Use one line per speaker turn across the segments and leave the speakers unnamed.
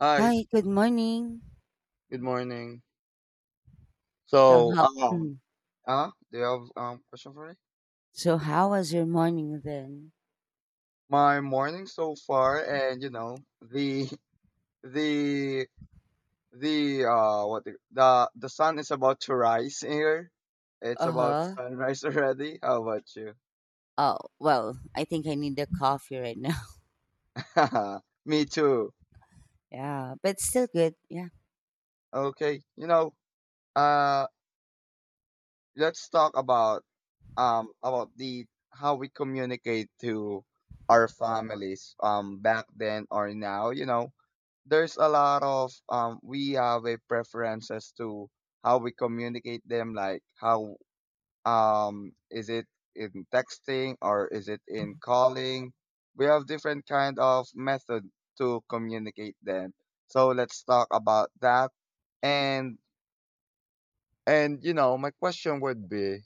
Hi,
Hi, good morning.
good morning.
So
So,
how
um,
mm,
do you have question for me?
so how was your morning then?
My morning so far, and the the the what the sun is about to rise here. It's about
Uh-huh.
sunrise already. How about you?
Oh, well, I think I need a coffee right now.
Me too.
Yeah, but still good. Yeah.
Okay, uh. let's talk about the how we communicate to our families back then or now. There's a lot of. We have a preference as to how we communicate them, like how, is it in texting or is it in calling? We have different kind of method to communicate them, so let's talk about that. And and you know, my question would be,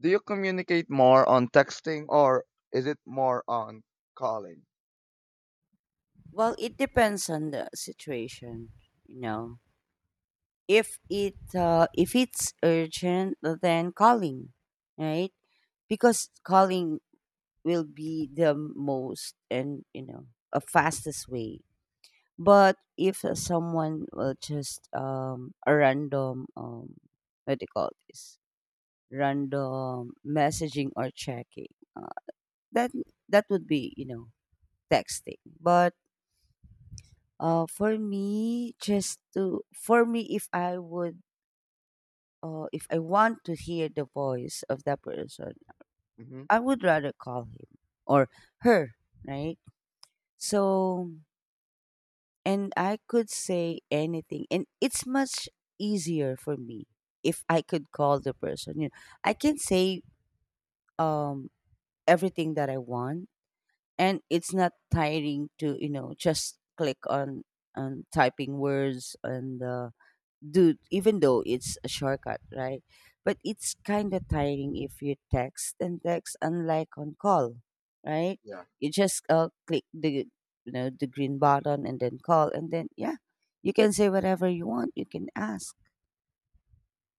do you communicate more on texting, or is it more on calling?
Well, it depends on the situation, you know. If it's urgent, then calling, right? Because calling will be the most and a fastest way. But if someone will just a random what do you call this, random messaging or checking that that would be texting. But for me, if I want to hear the voice of that person,
Hmm.
I would rather call him or her, right? So, and I could say anything. And it's much easier for me if I could call the person. You know, I can say um everything that I want, and it's not tiring to just click on typing words and dude, even though it's a shortcut, right? But it's kind of tiring if you text and text, unlike on call, right?
Yeah,
You just click the you know the green button and then call, and then yeah, you can say whatever you want. You can ask,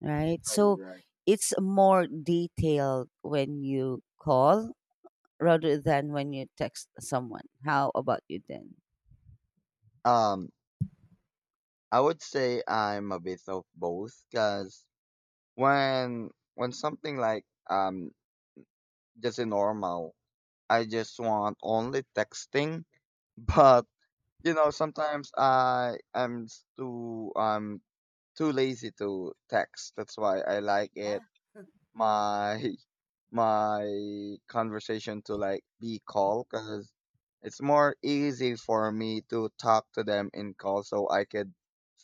right?
yeah,
So
you're right.
it's more detailed when you call rather than when you text someone. How about you then?
Um, I would say I'm a bit of both because when when something like, just a normal, I just want only texting. But you know, sometimes I am too too lazy to text. That's why I like
Yeah,
it. My my conversation to like be call, because it's more easy for me to talk to them in call, so I could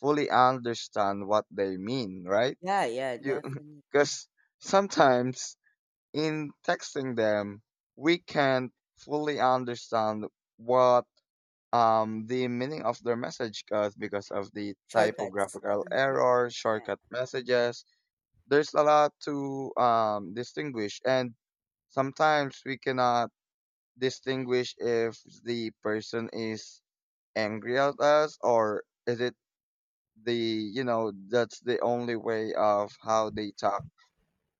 fully understand what they mean, right?
yeah, yeah,
You
definitely
because sometimes in texting them, we can't fully understand what, the meaning of their message, because of the
shortcuts.
typographical
Yeah,
error,
yeah,
shortcut messages. There's a lot to distinguish, and sometimes we cannot distinguish if the person is angry at us, or is it the, you know, that's the only way of how they talk.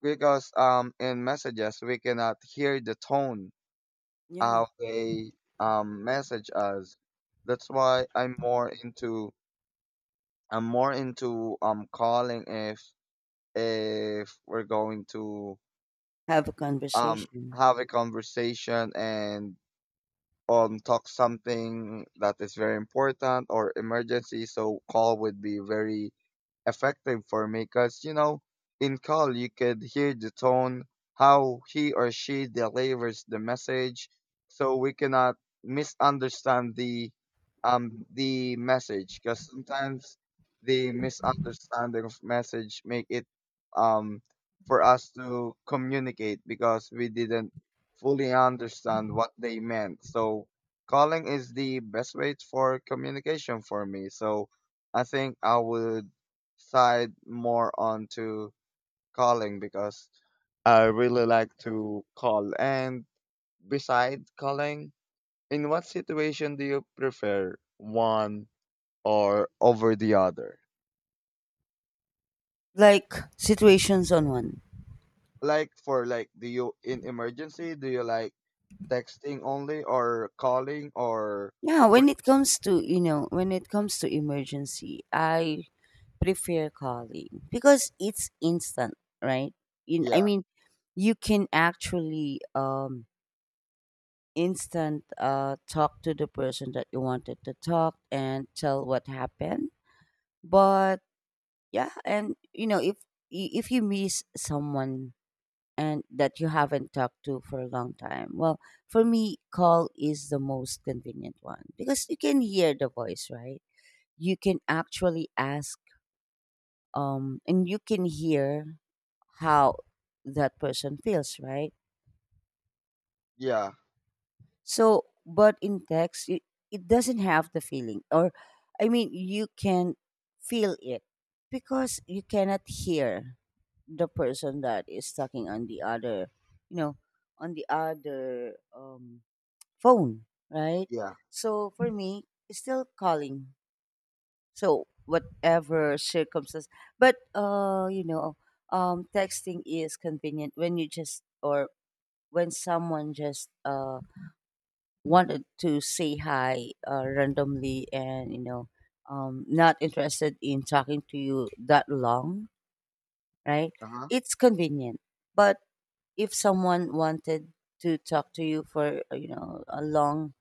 Because in messages we cannot hear the tone
yeah.
how they message us. That's why I'm more into calling if we're going to
Have a
um
conversation.
have a conversation, and talk something that is very important or emergency, so call would be very effective for me because you know, in call you could hear the tone, how he or she delivers the message, so we cannot misunderstand the, the message, because sometimes the misunderstanding of message make it um for us to communicate because we didn't fully understand what they meant. So calling is the best way for communication for me, so I think I would side more onto calling because I really like to call. And beside calling, in what situation do you prefer one or over the other?
Like situations on one.
Like, for like, do you in emergency, do you like texting only or calling, or
Yeah,
what?
when it comes to emergency, I prefer calling because it's instant, right? I
Yeah,
mean, you can actually instant talk to the person that you wanted to talk and tell what happened. But yeah, and if you miss someone and that you haven't talked to for a long time. Well, for me, call is the most convenient one because you can hear the voice, right? You can actually ask, and you can hear how that person feels, right?
yeah,
So, but in text, it doesn't have the feeling, or I mean, you can feel it because you cannot hear the person that is talking on the other, you know, on the other phone, right?
yeah.
So for me, it's still calling. So whatever circumstance, but texting is convenient when someone just wanted to say hi randomly, and not interested in talking to you that long, right?
Uh huh.
It's convenient, but if someone wanted to talk to you for a long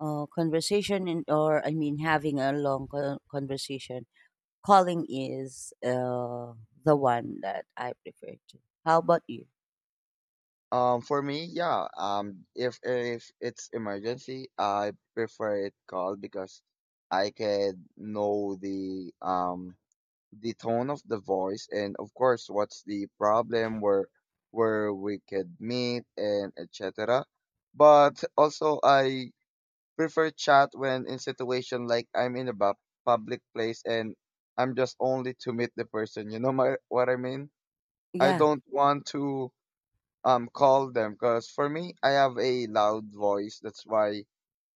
conversation, and or I mean having a long conversation. Calling is the one that I prefer to. How about you?
For me, yeah. If it's emergency, I prefer it called, because I can know the, the tone of the voice, and of course what's the problem, where we could meet, and et cetera. But also I prefer chat when in situation like I'm in a public place and I'm just only to meet the person. You know my what I mean? I
Yeah,
don't want to call them, because for me I have a loud voice. That's why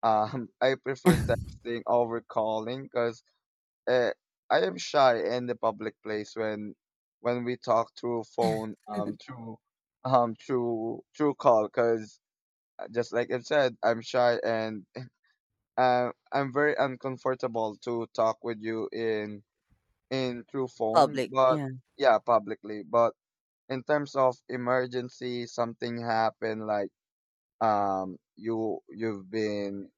I prefer texting over calling, because uh, I am shy in the public place when we talk through phone, through call, because just like I've said, I'm shy, and I'm very uncomfortable to talk with you in through phone.
public.
But
Yeah,
yeah, publicly. But in terms of emergency, something happened like, you've been,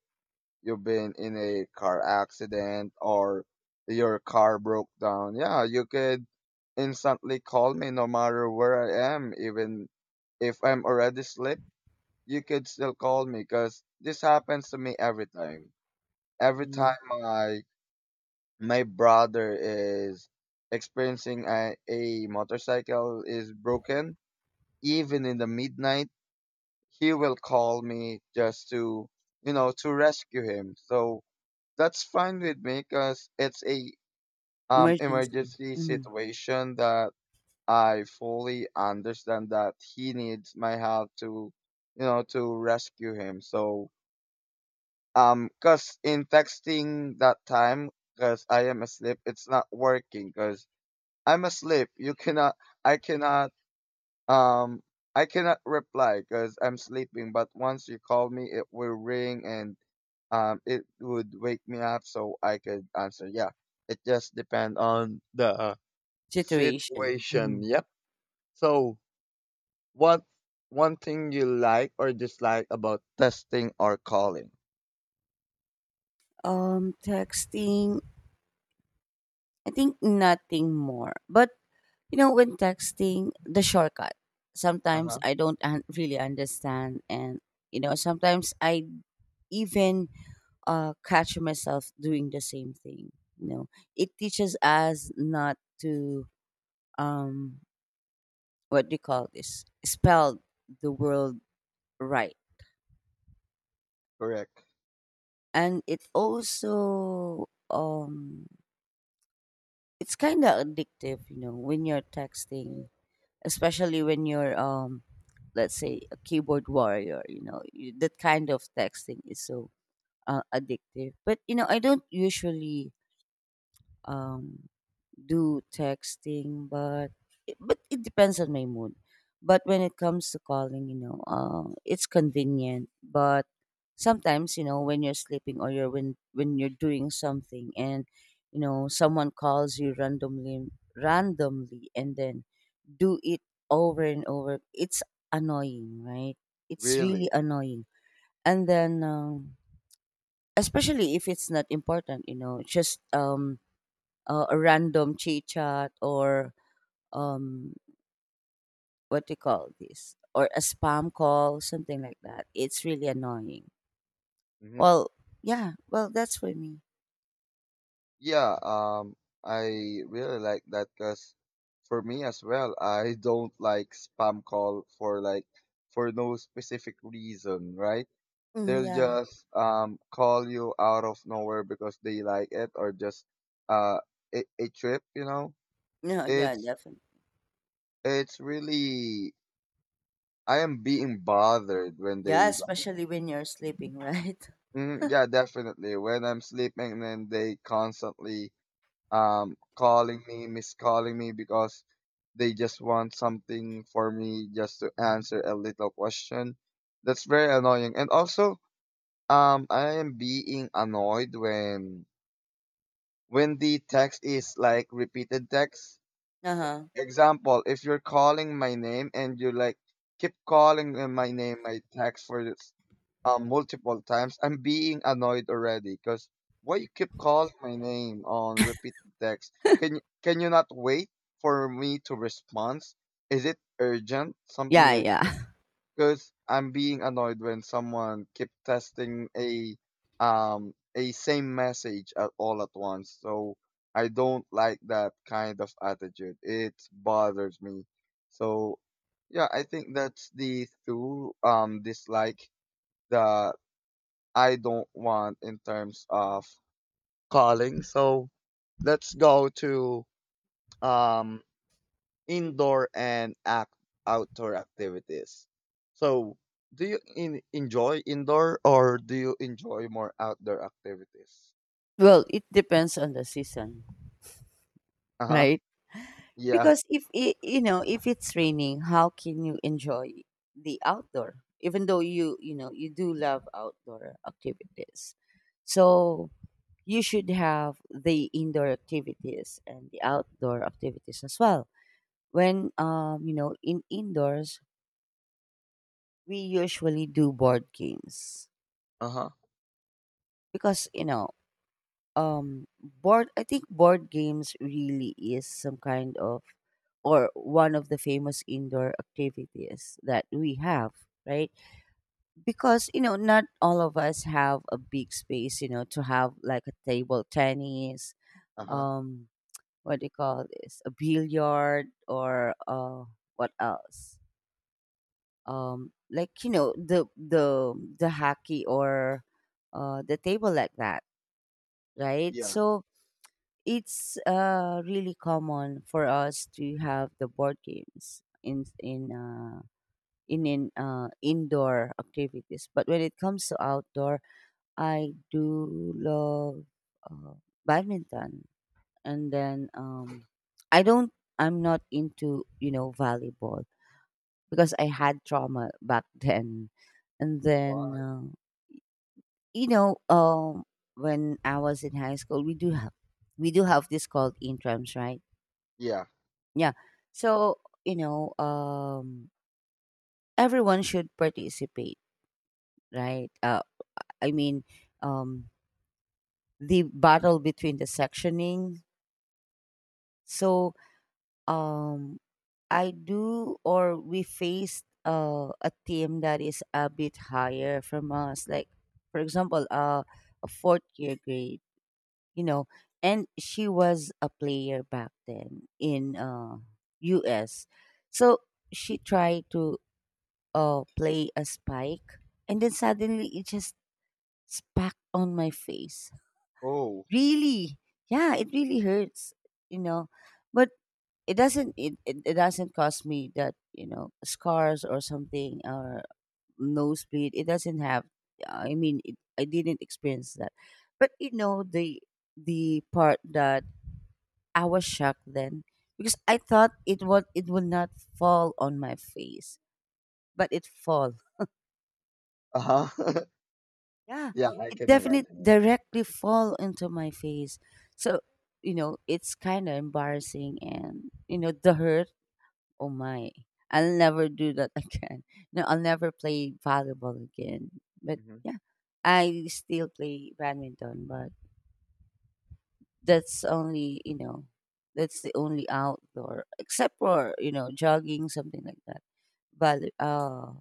you've been in a car accident, or your car broke down, yeah, you could instantly call me no matter where I am, even if I'm already asleep. You could still call me, because this happens to me every time.
yeah.
My my brother is experiencing a motorcycle is broken. Even in the midnight, he will call me just to, you know, to rescue him. So that's fine with me, because it's a,
Emergency.
emergency
Mhm.
situation that I fully understand that he needs my help to, you know, to rescue him. So, because in texting that time, because I am asleep, it's not working, because I'm asleep, you cannot, i cannot Um, I cannot reply because I'm sleeping. But once you call me, it will ring, and it would wake me up, so I could answer. Yeah, it just depends on the
Situation. Mhm.
situation. Yep. So, what one thing you like or dislike about testing or calling?
Texting. I think nothing more. But when texting, the shortcut.
Uh
Sometimes
huh.
I don't really understand, and sometimes I even catch myself doing the same thing. You know, it teaches us not to um, what do you call this? Spell the world right,
Correct.
and it also it's kind of addictive. You know, when you're texting, especially when you're let's say a keyboard warrior. You know, that kind of texting is so addictive. But I don't usually um do texting, but it depends on my mood. But when it comes to calling, it's convenient. But sometimes, when you're sleeping or you're when you're doing something, and someone calls you randomly, and then do it over and over. It's annoying, right? It's really
Really?
annoying. And then, especially if it's not important, just a random chit chat, or um what do you call this, or a spam call, something like that. It's really annoying.
Hmm.
Well, yeah. Well, that's for me.
Yeah, I really like that, because for me as well, I don't like spam call for like, for no specific reason, right?
Mm,
They'll
yeah.
just call you out of nowhere because they like it, or just uh a trip, you know?
No, yeah,
It's
definitely.
it's really. I am being bothered when
Yeah,
they like,
especially when you're sleeping, right?
mm, yeah, definitely. When I'm sleeping, and then they constantly calling me, miscalling me, because they just want something for me, just to answer a little question. That's very annoying. And also, I am being annoyed when the text is like repeated text. S-
Uh-huh.
Example, if you're calling my name, and you like keep calling, my name, my text for this, multiple times, I'm being annoyed already, because why you keep calling my name on repeated text? Can you not wait for me to respond? Is it urgent? Something
Yeah,
like,
yeah.
because I'm being annoyed when someone keep testing a, a same message at all at once. So I don't like that kind of attitude. It bothers me. So yeah, I think that's the two dislike that I don't want in terms of calling. So let's go to um indoor and act outdoor activities. So, do you enjoy indoor, or do you enjoy more outdoor activities?
Well, it depends on the season,
Uh huh.
right?
Yeah.
Because if it's raining, how can you enjoy the outdoor, even though you do love outdoor activities? So you should have the indoor activities and the outdoor activities as well. When in indoors, we usually do board games,
Uh huh.
because board I think board games really is some kind of, or one of the famous indoor activities that we have, right? Because not all of us have a big space, to have like a table tennis,
Uh huh.
um what do you call this, a billiard, or what else, like, the hockey, or the table, like that, right?
Yeah.
So it's really common for us to have the board games in indoor activities. But when it comes to outdoor, I do love uh, badminton, and then i don't I'm not into volleyball, because I had trauma back then. And then
Why?
you know um when I was in high school, we do have this called intrams, right?
Yeah.
Yeah. So you know um everyone should participate, right? I mean, um the battle between the sectioning. So um or we faced a team that is a bit higher from us, like, for example, a fourth year grade, you know, and she was a player back then in U.S. So she tried to play a spike, and then suddenly it just smacked on my face.
Oh.
Really, yeah, it really hurts, you know, but it doesn't cause me that, scars or something, or nosebleed. It doesn't have, I mean, I didn't experience that. But the part that I was shocked then, because I thought it would not fall on my face, but it fall.
Uh huh.
Yeah,
Yeah, I
it
can
definitely
imagine
directly fall into my face. So it's kind of embarrassing, and the hurt. Oh my. I'll never do that again. No, I'll never play volleyball again. But
it.
yeah, I still play badminton, but that's only, you know, that's the only outdoor, except for, jogging, something like that. But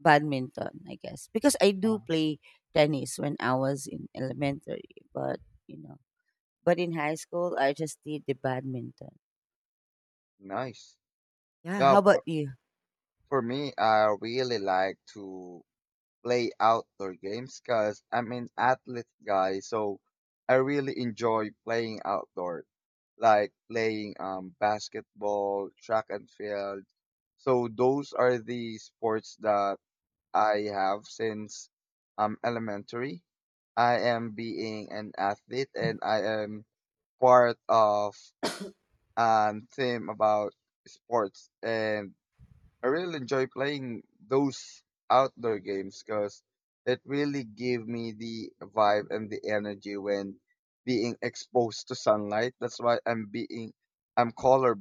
badminton, I guess. Because I do play tennis when I was in elementary, but you know, but in high school I just did the badminton.
Nice.
Yeah,
Yeah,
how about
for,
you?
for me, I really like to play outdoor games, because I'm an athlete guy, so I really enjoy playing outdoor, like playing basketball, track and field. So those are the sports that I have since elementary. I am being an athlete, and I am part of a team about sports, and I really enjoy playing those outdoor games, because it really give me the vibe and the energy when being exposed to sunlight. That's why I'm color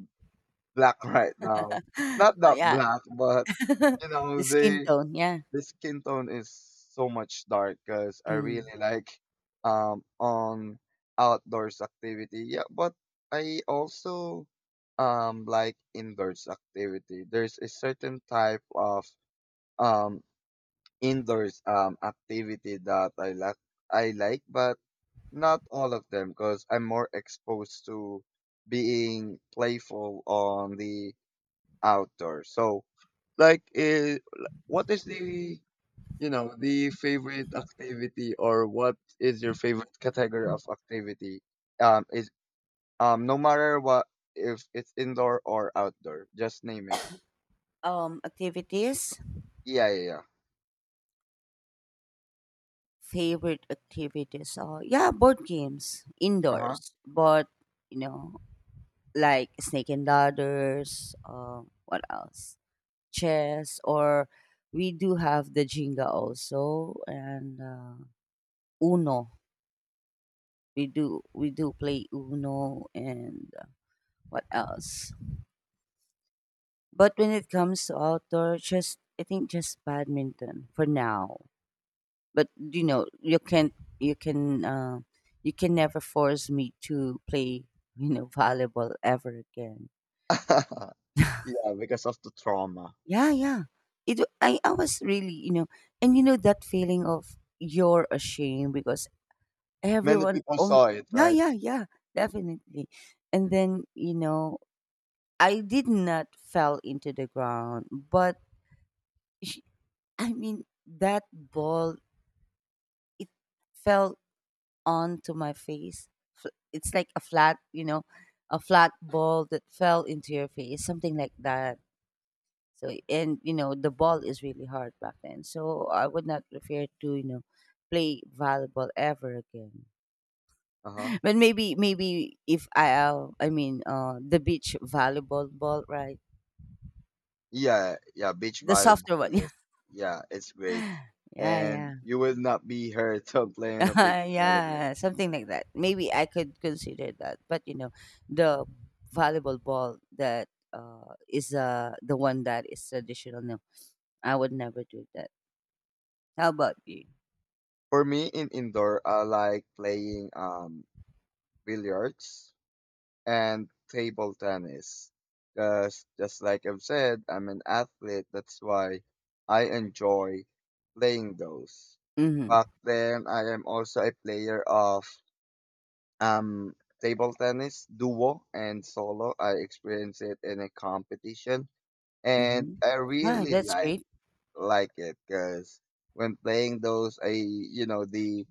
black right now. Not that
Yeah.
black, but you
The
know
skin
the.
tone, yeah.
The skin tone is so much dark, because I
Mm.
really like on outdoors activity. Yeah, but I also like indoors activity. There's a certain type of um indoors activity that I like, but not all of them, because I'm more exposed to being playful on the outdoor. So like like, what is the, you know, the favorite activity, or what is your favorite category of activity? Is no matter what, if it's indoor or outdoor, just name it.
Activities,
Yeah, yeah, yeah.
favorite activities. Oh, yeah, board games
Uh
indoors, but you know, like snake and ladders. What else? Chess, or we do have the Jenga also, and Uno. We do play Uno, and what else? But when it comes to outdoor, just I think just badminton for now. But you can uh, you can never force me to play, volleyball ever again.
huh. Yeah, because of the trauma.
Yeah, yeah, it, I was really, you know. And that feeling of you're ashamed, because
Many
everyone,
people saw it,
yeah,
right?
yeah, yeah, definitely. And then I did not fell into the ground, but sh- I mean that ball, it fell onto my face. It's like a flat, a flat ball that fell into your face, something like that. So, and the ball is really hard back then. So I would not prefer to, play volleyball ever again.
Uh huh.
But maybe, maybe if I, I mean, the beach volleyball ball, right?
Yeah, yeah. Beach
The
volleyball
softer one.
is, yeah, it's great,
Yeah, yeah,
and
yeah.
you will not be hurt on playing a beach volleyball.
Yeah, something like that. Maybe I could consider that. But the volleyball ball that is the one that is traditional. No, I would never do that. How about you?
For me, in indoor, I like playing billiards and table tennis. Because just like I've said, I'm an athlete. That's why I enjoy playing those. Back
Mm-hmm.
then, I am also a player of, um table tennis, duo and solo. I experienced it in a competition, and
Mm-hmm.
I
Wow,
really
that's great.
like it, because when playing those, I you know, the,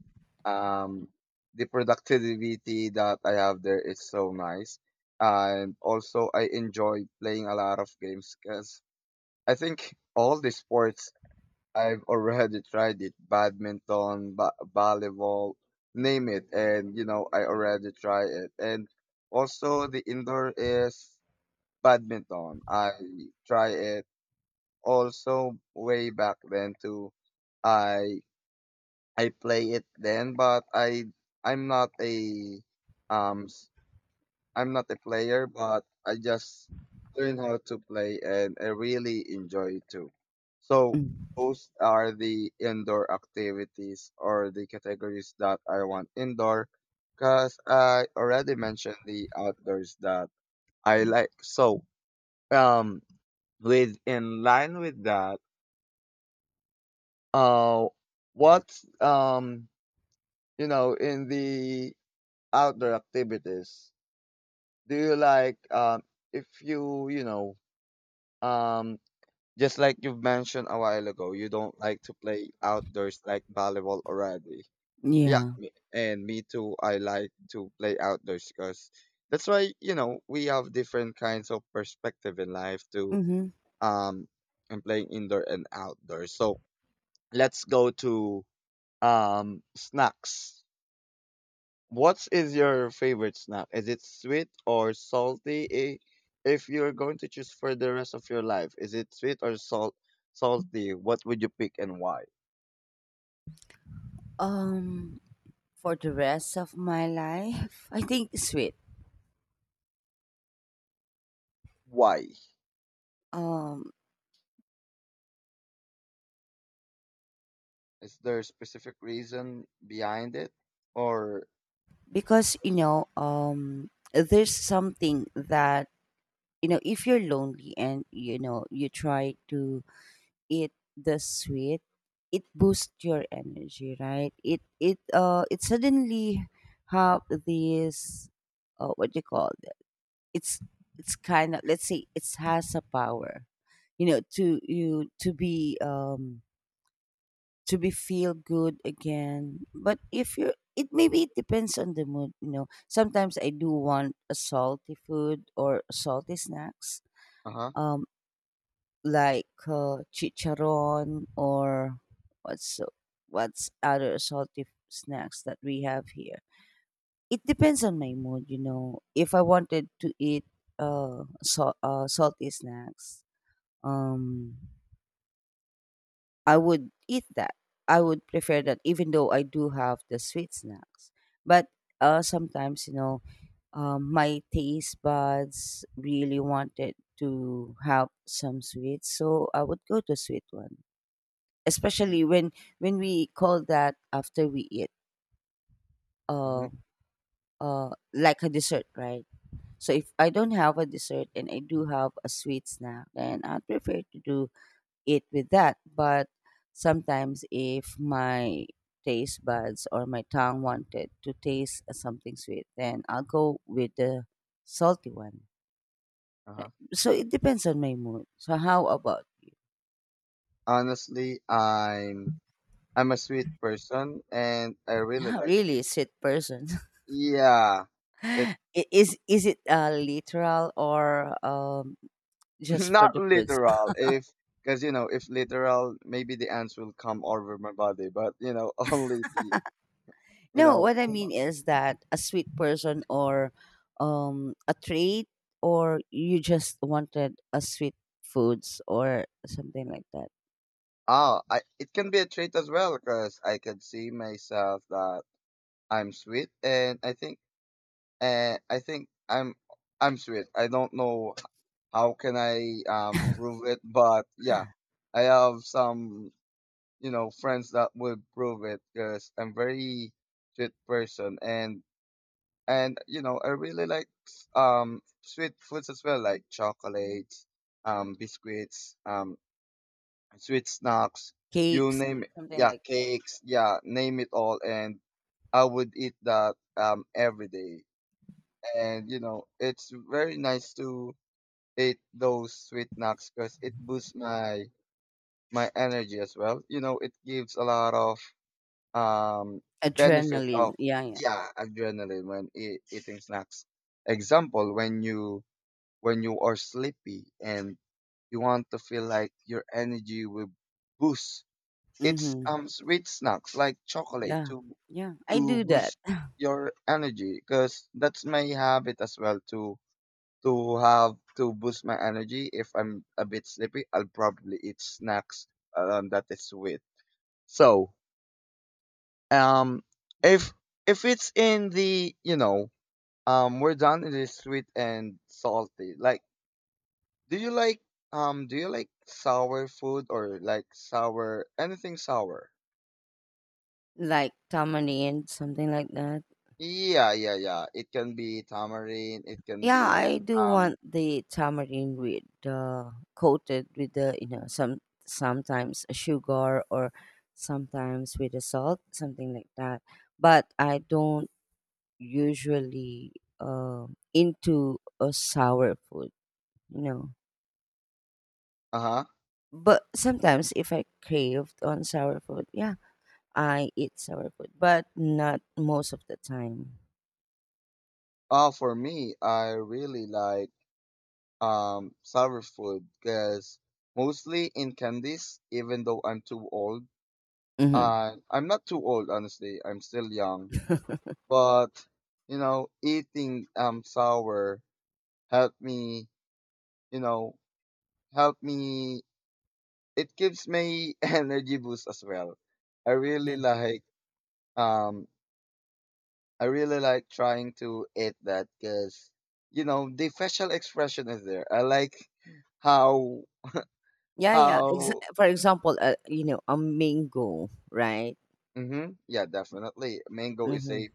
um the productivity that I have there is so nice. And also I enjoy playing a lot of games, because I think all the sports I've already tried it: badminton, volleyball, name it, and you know, I already try it. And also the indoor is badminton. I try it also way back then too. I I play it then, but I'm not a, um s- I'm not a player, but I just learn how to play, and I really enjoy it too. So
Mm.
those are the indoor activities or the categories that I want indoor, cause I already mentioned the outdoors that I like. So, um with in line with that, uh what, um you know, in the outdoor activities, do you like, if you, you know, um just like you've mentioned a while ago, you don't like to play outdoors like volleyball already. Yeah,
Yeah.
me- and me too, I like to play outdoors, because that's why you know, we have different kinds of perspective in life to,
Mm-hmm.
um and playing indoor and outdoors. So let's go to snacks. What is your favorite snack? Is it sweet or salty? If you're going to choose for the rest of your life, is it sweet or salty? What would you pick and why?
Um, for the rest of my life, I think sweet.
Why?
Um,
Is there a specific reason behind it? Or.
because there's something that, if you're lonely and you try to eat the sweet, it boosts your energy, right? It suddenly have this, what do you call it? It's it's kind of, let's say it has a power, you know, to you to be um to be feel good again. But if you it maybe it depends on the mood. Sometimes I do want a salty food or salty snacks.
Uh-huh.
Um like chicharon, or what's what's other salty snacks that we have here. It depends on my mood. If I wanted to eat salty snacks, um, I would eat that. I would prefer that, even though I do have the sweet snacks. But sometimes, my taste buds really wanted to have some sweets, so I would go to sweet one, especially when we call that, after we eat
Mm-hmm,
uh like a dessert, right? So if I don't have a dessert and I do have a sweet snack, then I prefer to do it with that. But sometimes if my taste buds or my tongue wanted to taste something sweet, then I'll go with the salty one,
uh-huh.
right? So it depends on my mood. So how about—
Honestly, I'm a sweet person, and I really like
really
it.
a sweet person.
Yeah. It
I- is it literal, or just for
not
the foods?
literal. If because you know, if literal, maybe the ants will come over my body. But only the you
No,
know.
what I mean is that a sweet person, or a trait, or you just wanted a sweet foods or something like that,
Ah, I it can be a trait as well because I can see myself that I'm sweet, and I think I'm sweet. I don't know how can I prove it, but yeah, I have some friends that will prove it because I'm very sweet person and I really like sweet foods as well like chocolates, biscuits, sweet snacks. You
cakes,
name it,
something
yeah,
like that.
cakes, yeah, name it all, and I would eat that every day, and you know it's very nice to eat those sweet snacks because it boosts my energy as well. You know, it gives a lot of um benefit
Adrenaline,
of,
yeah, yeah.
yeah, adrenaline when eating snacks. Example, when you, when you are sleepy and you want to feel like your energy will boost, it's
Mm-hmm.
sweet snacks like chocolate
Yeah,
to
yeah. I
to
do that.
boost your energy, because that's my habit as well to have to boost my energy. If I'm a bit sleepy, I'll probably eat snacks that is sweet. So um, if if it's in the, we're done in the sweet and salty. Like, do you like, do you like sour food? Or like sour, anything sour?
Like tamarind, something like that.
Yeah, yeah, yeah. It can be tamarind. It can
Yeah,
be
I do
um
want the tamarind with coated with the, sometimes a sugar, or sometimes with a salt, something like that. But I don't usually uh, into a sour food, you know.
uh huh.
But sometimes if I craved on sour food, yeah, I eat sour food, but not most of the time.
Oh, for me, I really like sour food, because mostly in candies. Even though I'm too old,
Hmm.
I'm not too old, honestly. I'm still young. But you know, eating sour help me, you know, help me, it gives me energy boost as well. I really
Yeah.
like, um I really like trying to eat that because you know the facial expression is there. I like how,
Yeah, yeah.
how
For example, a mango, right?
mm-hmm, yeah, definitely mango is
Mhm.
a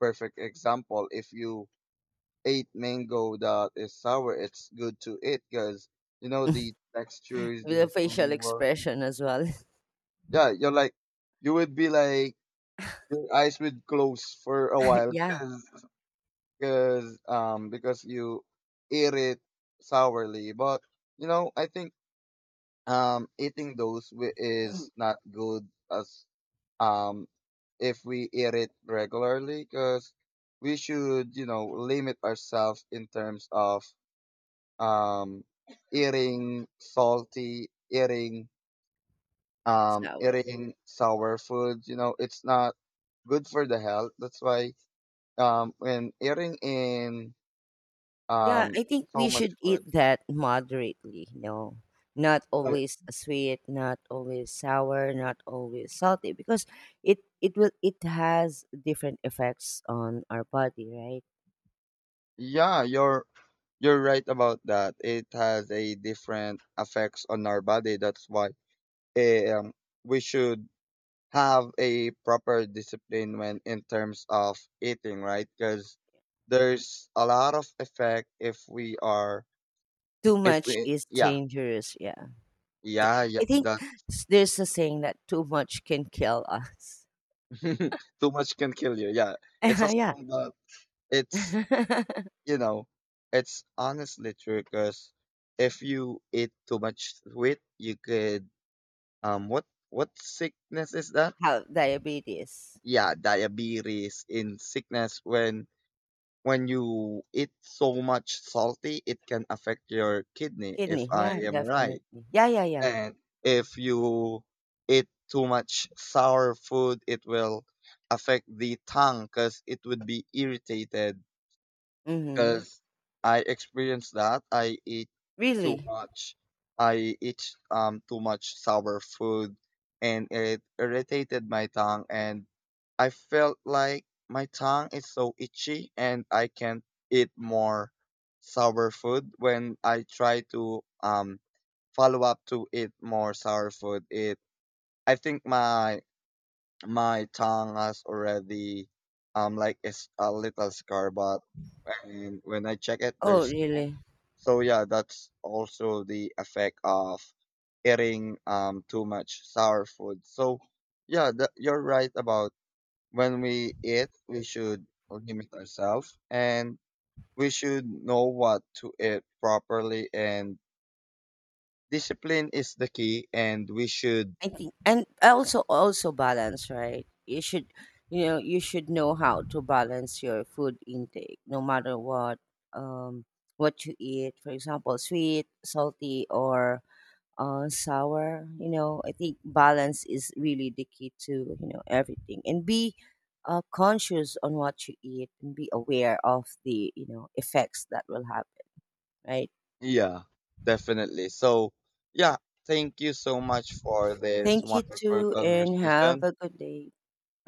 perfect example. If you ate mango that is sour, it's good to eat because you know the textures,
With
the
a facial
flavor.
expression as well.
Yeah, you're like, you would be like your eyes would close for a while,
Yeah,
because cause because you eat it sourly. But you know, I think is not good as, um if we eat it regularly, because we should, you know, limit ourselves in terms of, um, eating salty, eating,
sour.
eating sour foods. You know, it's not good for the health. That's why, when eating in,
Yeah,
um,
I think
so
we
much
should eat
foods,
that moderately. No. Not
uh,
always sweet, not always sour, not always salty, because it has different effects on our body, right?
yeah, you're right about that. It has a different effects on our body. That's why eh, um, we should have a proper discipline when in terms of eating, right? Because there's a lot of effect if we are,
Too
if
much
we
is
yeah,
dangerous, yeah.
yeah, yeah.
I think
The
there's a saying that too much can kill us.
too much can kill you, yeah. It's a
Yeah.
song that, it's you know it's honestly true, because if you eat too much sweet, you could, what what sickness is that?
How? Diabetes,
Yeah, diabetes in sickness. When, you eat so much salty, it can affect your kidney, if
kidney.
I
Yeah,
am
definitely.
right.
Yeah, yeah, yeah.
And if you eat too much sour food, it will affect the tongue because it would be irritated,
Mm-hmm.
because I experienced that. I eat too
Really?
much. I eat too much sour food, and it irritated my tongue, and I felt like my tongue is so itchy, and I can't eat more sour food. When I try to follow up to eat more sour food, it, I think my tongue has already, like it's a little scar, but, and when I check it,
Oh,
there's,
really?
so yeah, that's also the effect of eating too much sour food. So yeah, that, you're right about, when we eat, we should limit ourselves, and we should know what to eat properly, and discipline is the key, and we should,
I think, and also balance, right? You should know how to balance your food intake, no matter um, what you eat. For example, sweet, salty, or sour. You know, I think balance is really the key to everything, and be conscious on what you eat, and be aware of the effects that will happen. Right.
yeah, definitely. So yeah, thank you so much for this
Thank you
wonderful
too, and have
conversation.
a good day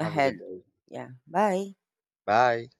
Have a good day.
Yeah. Bye.
Bye.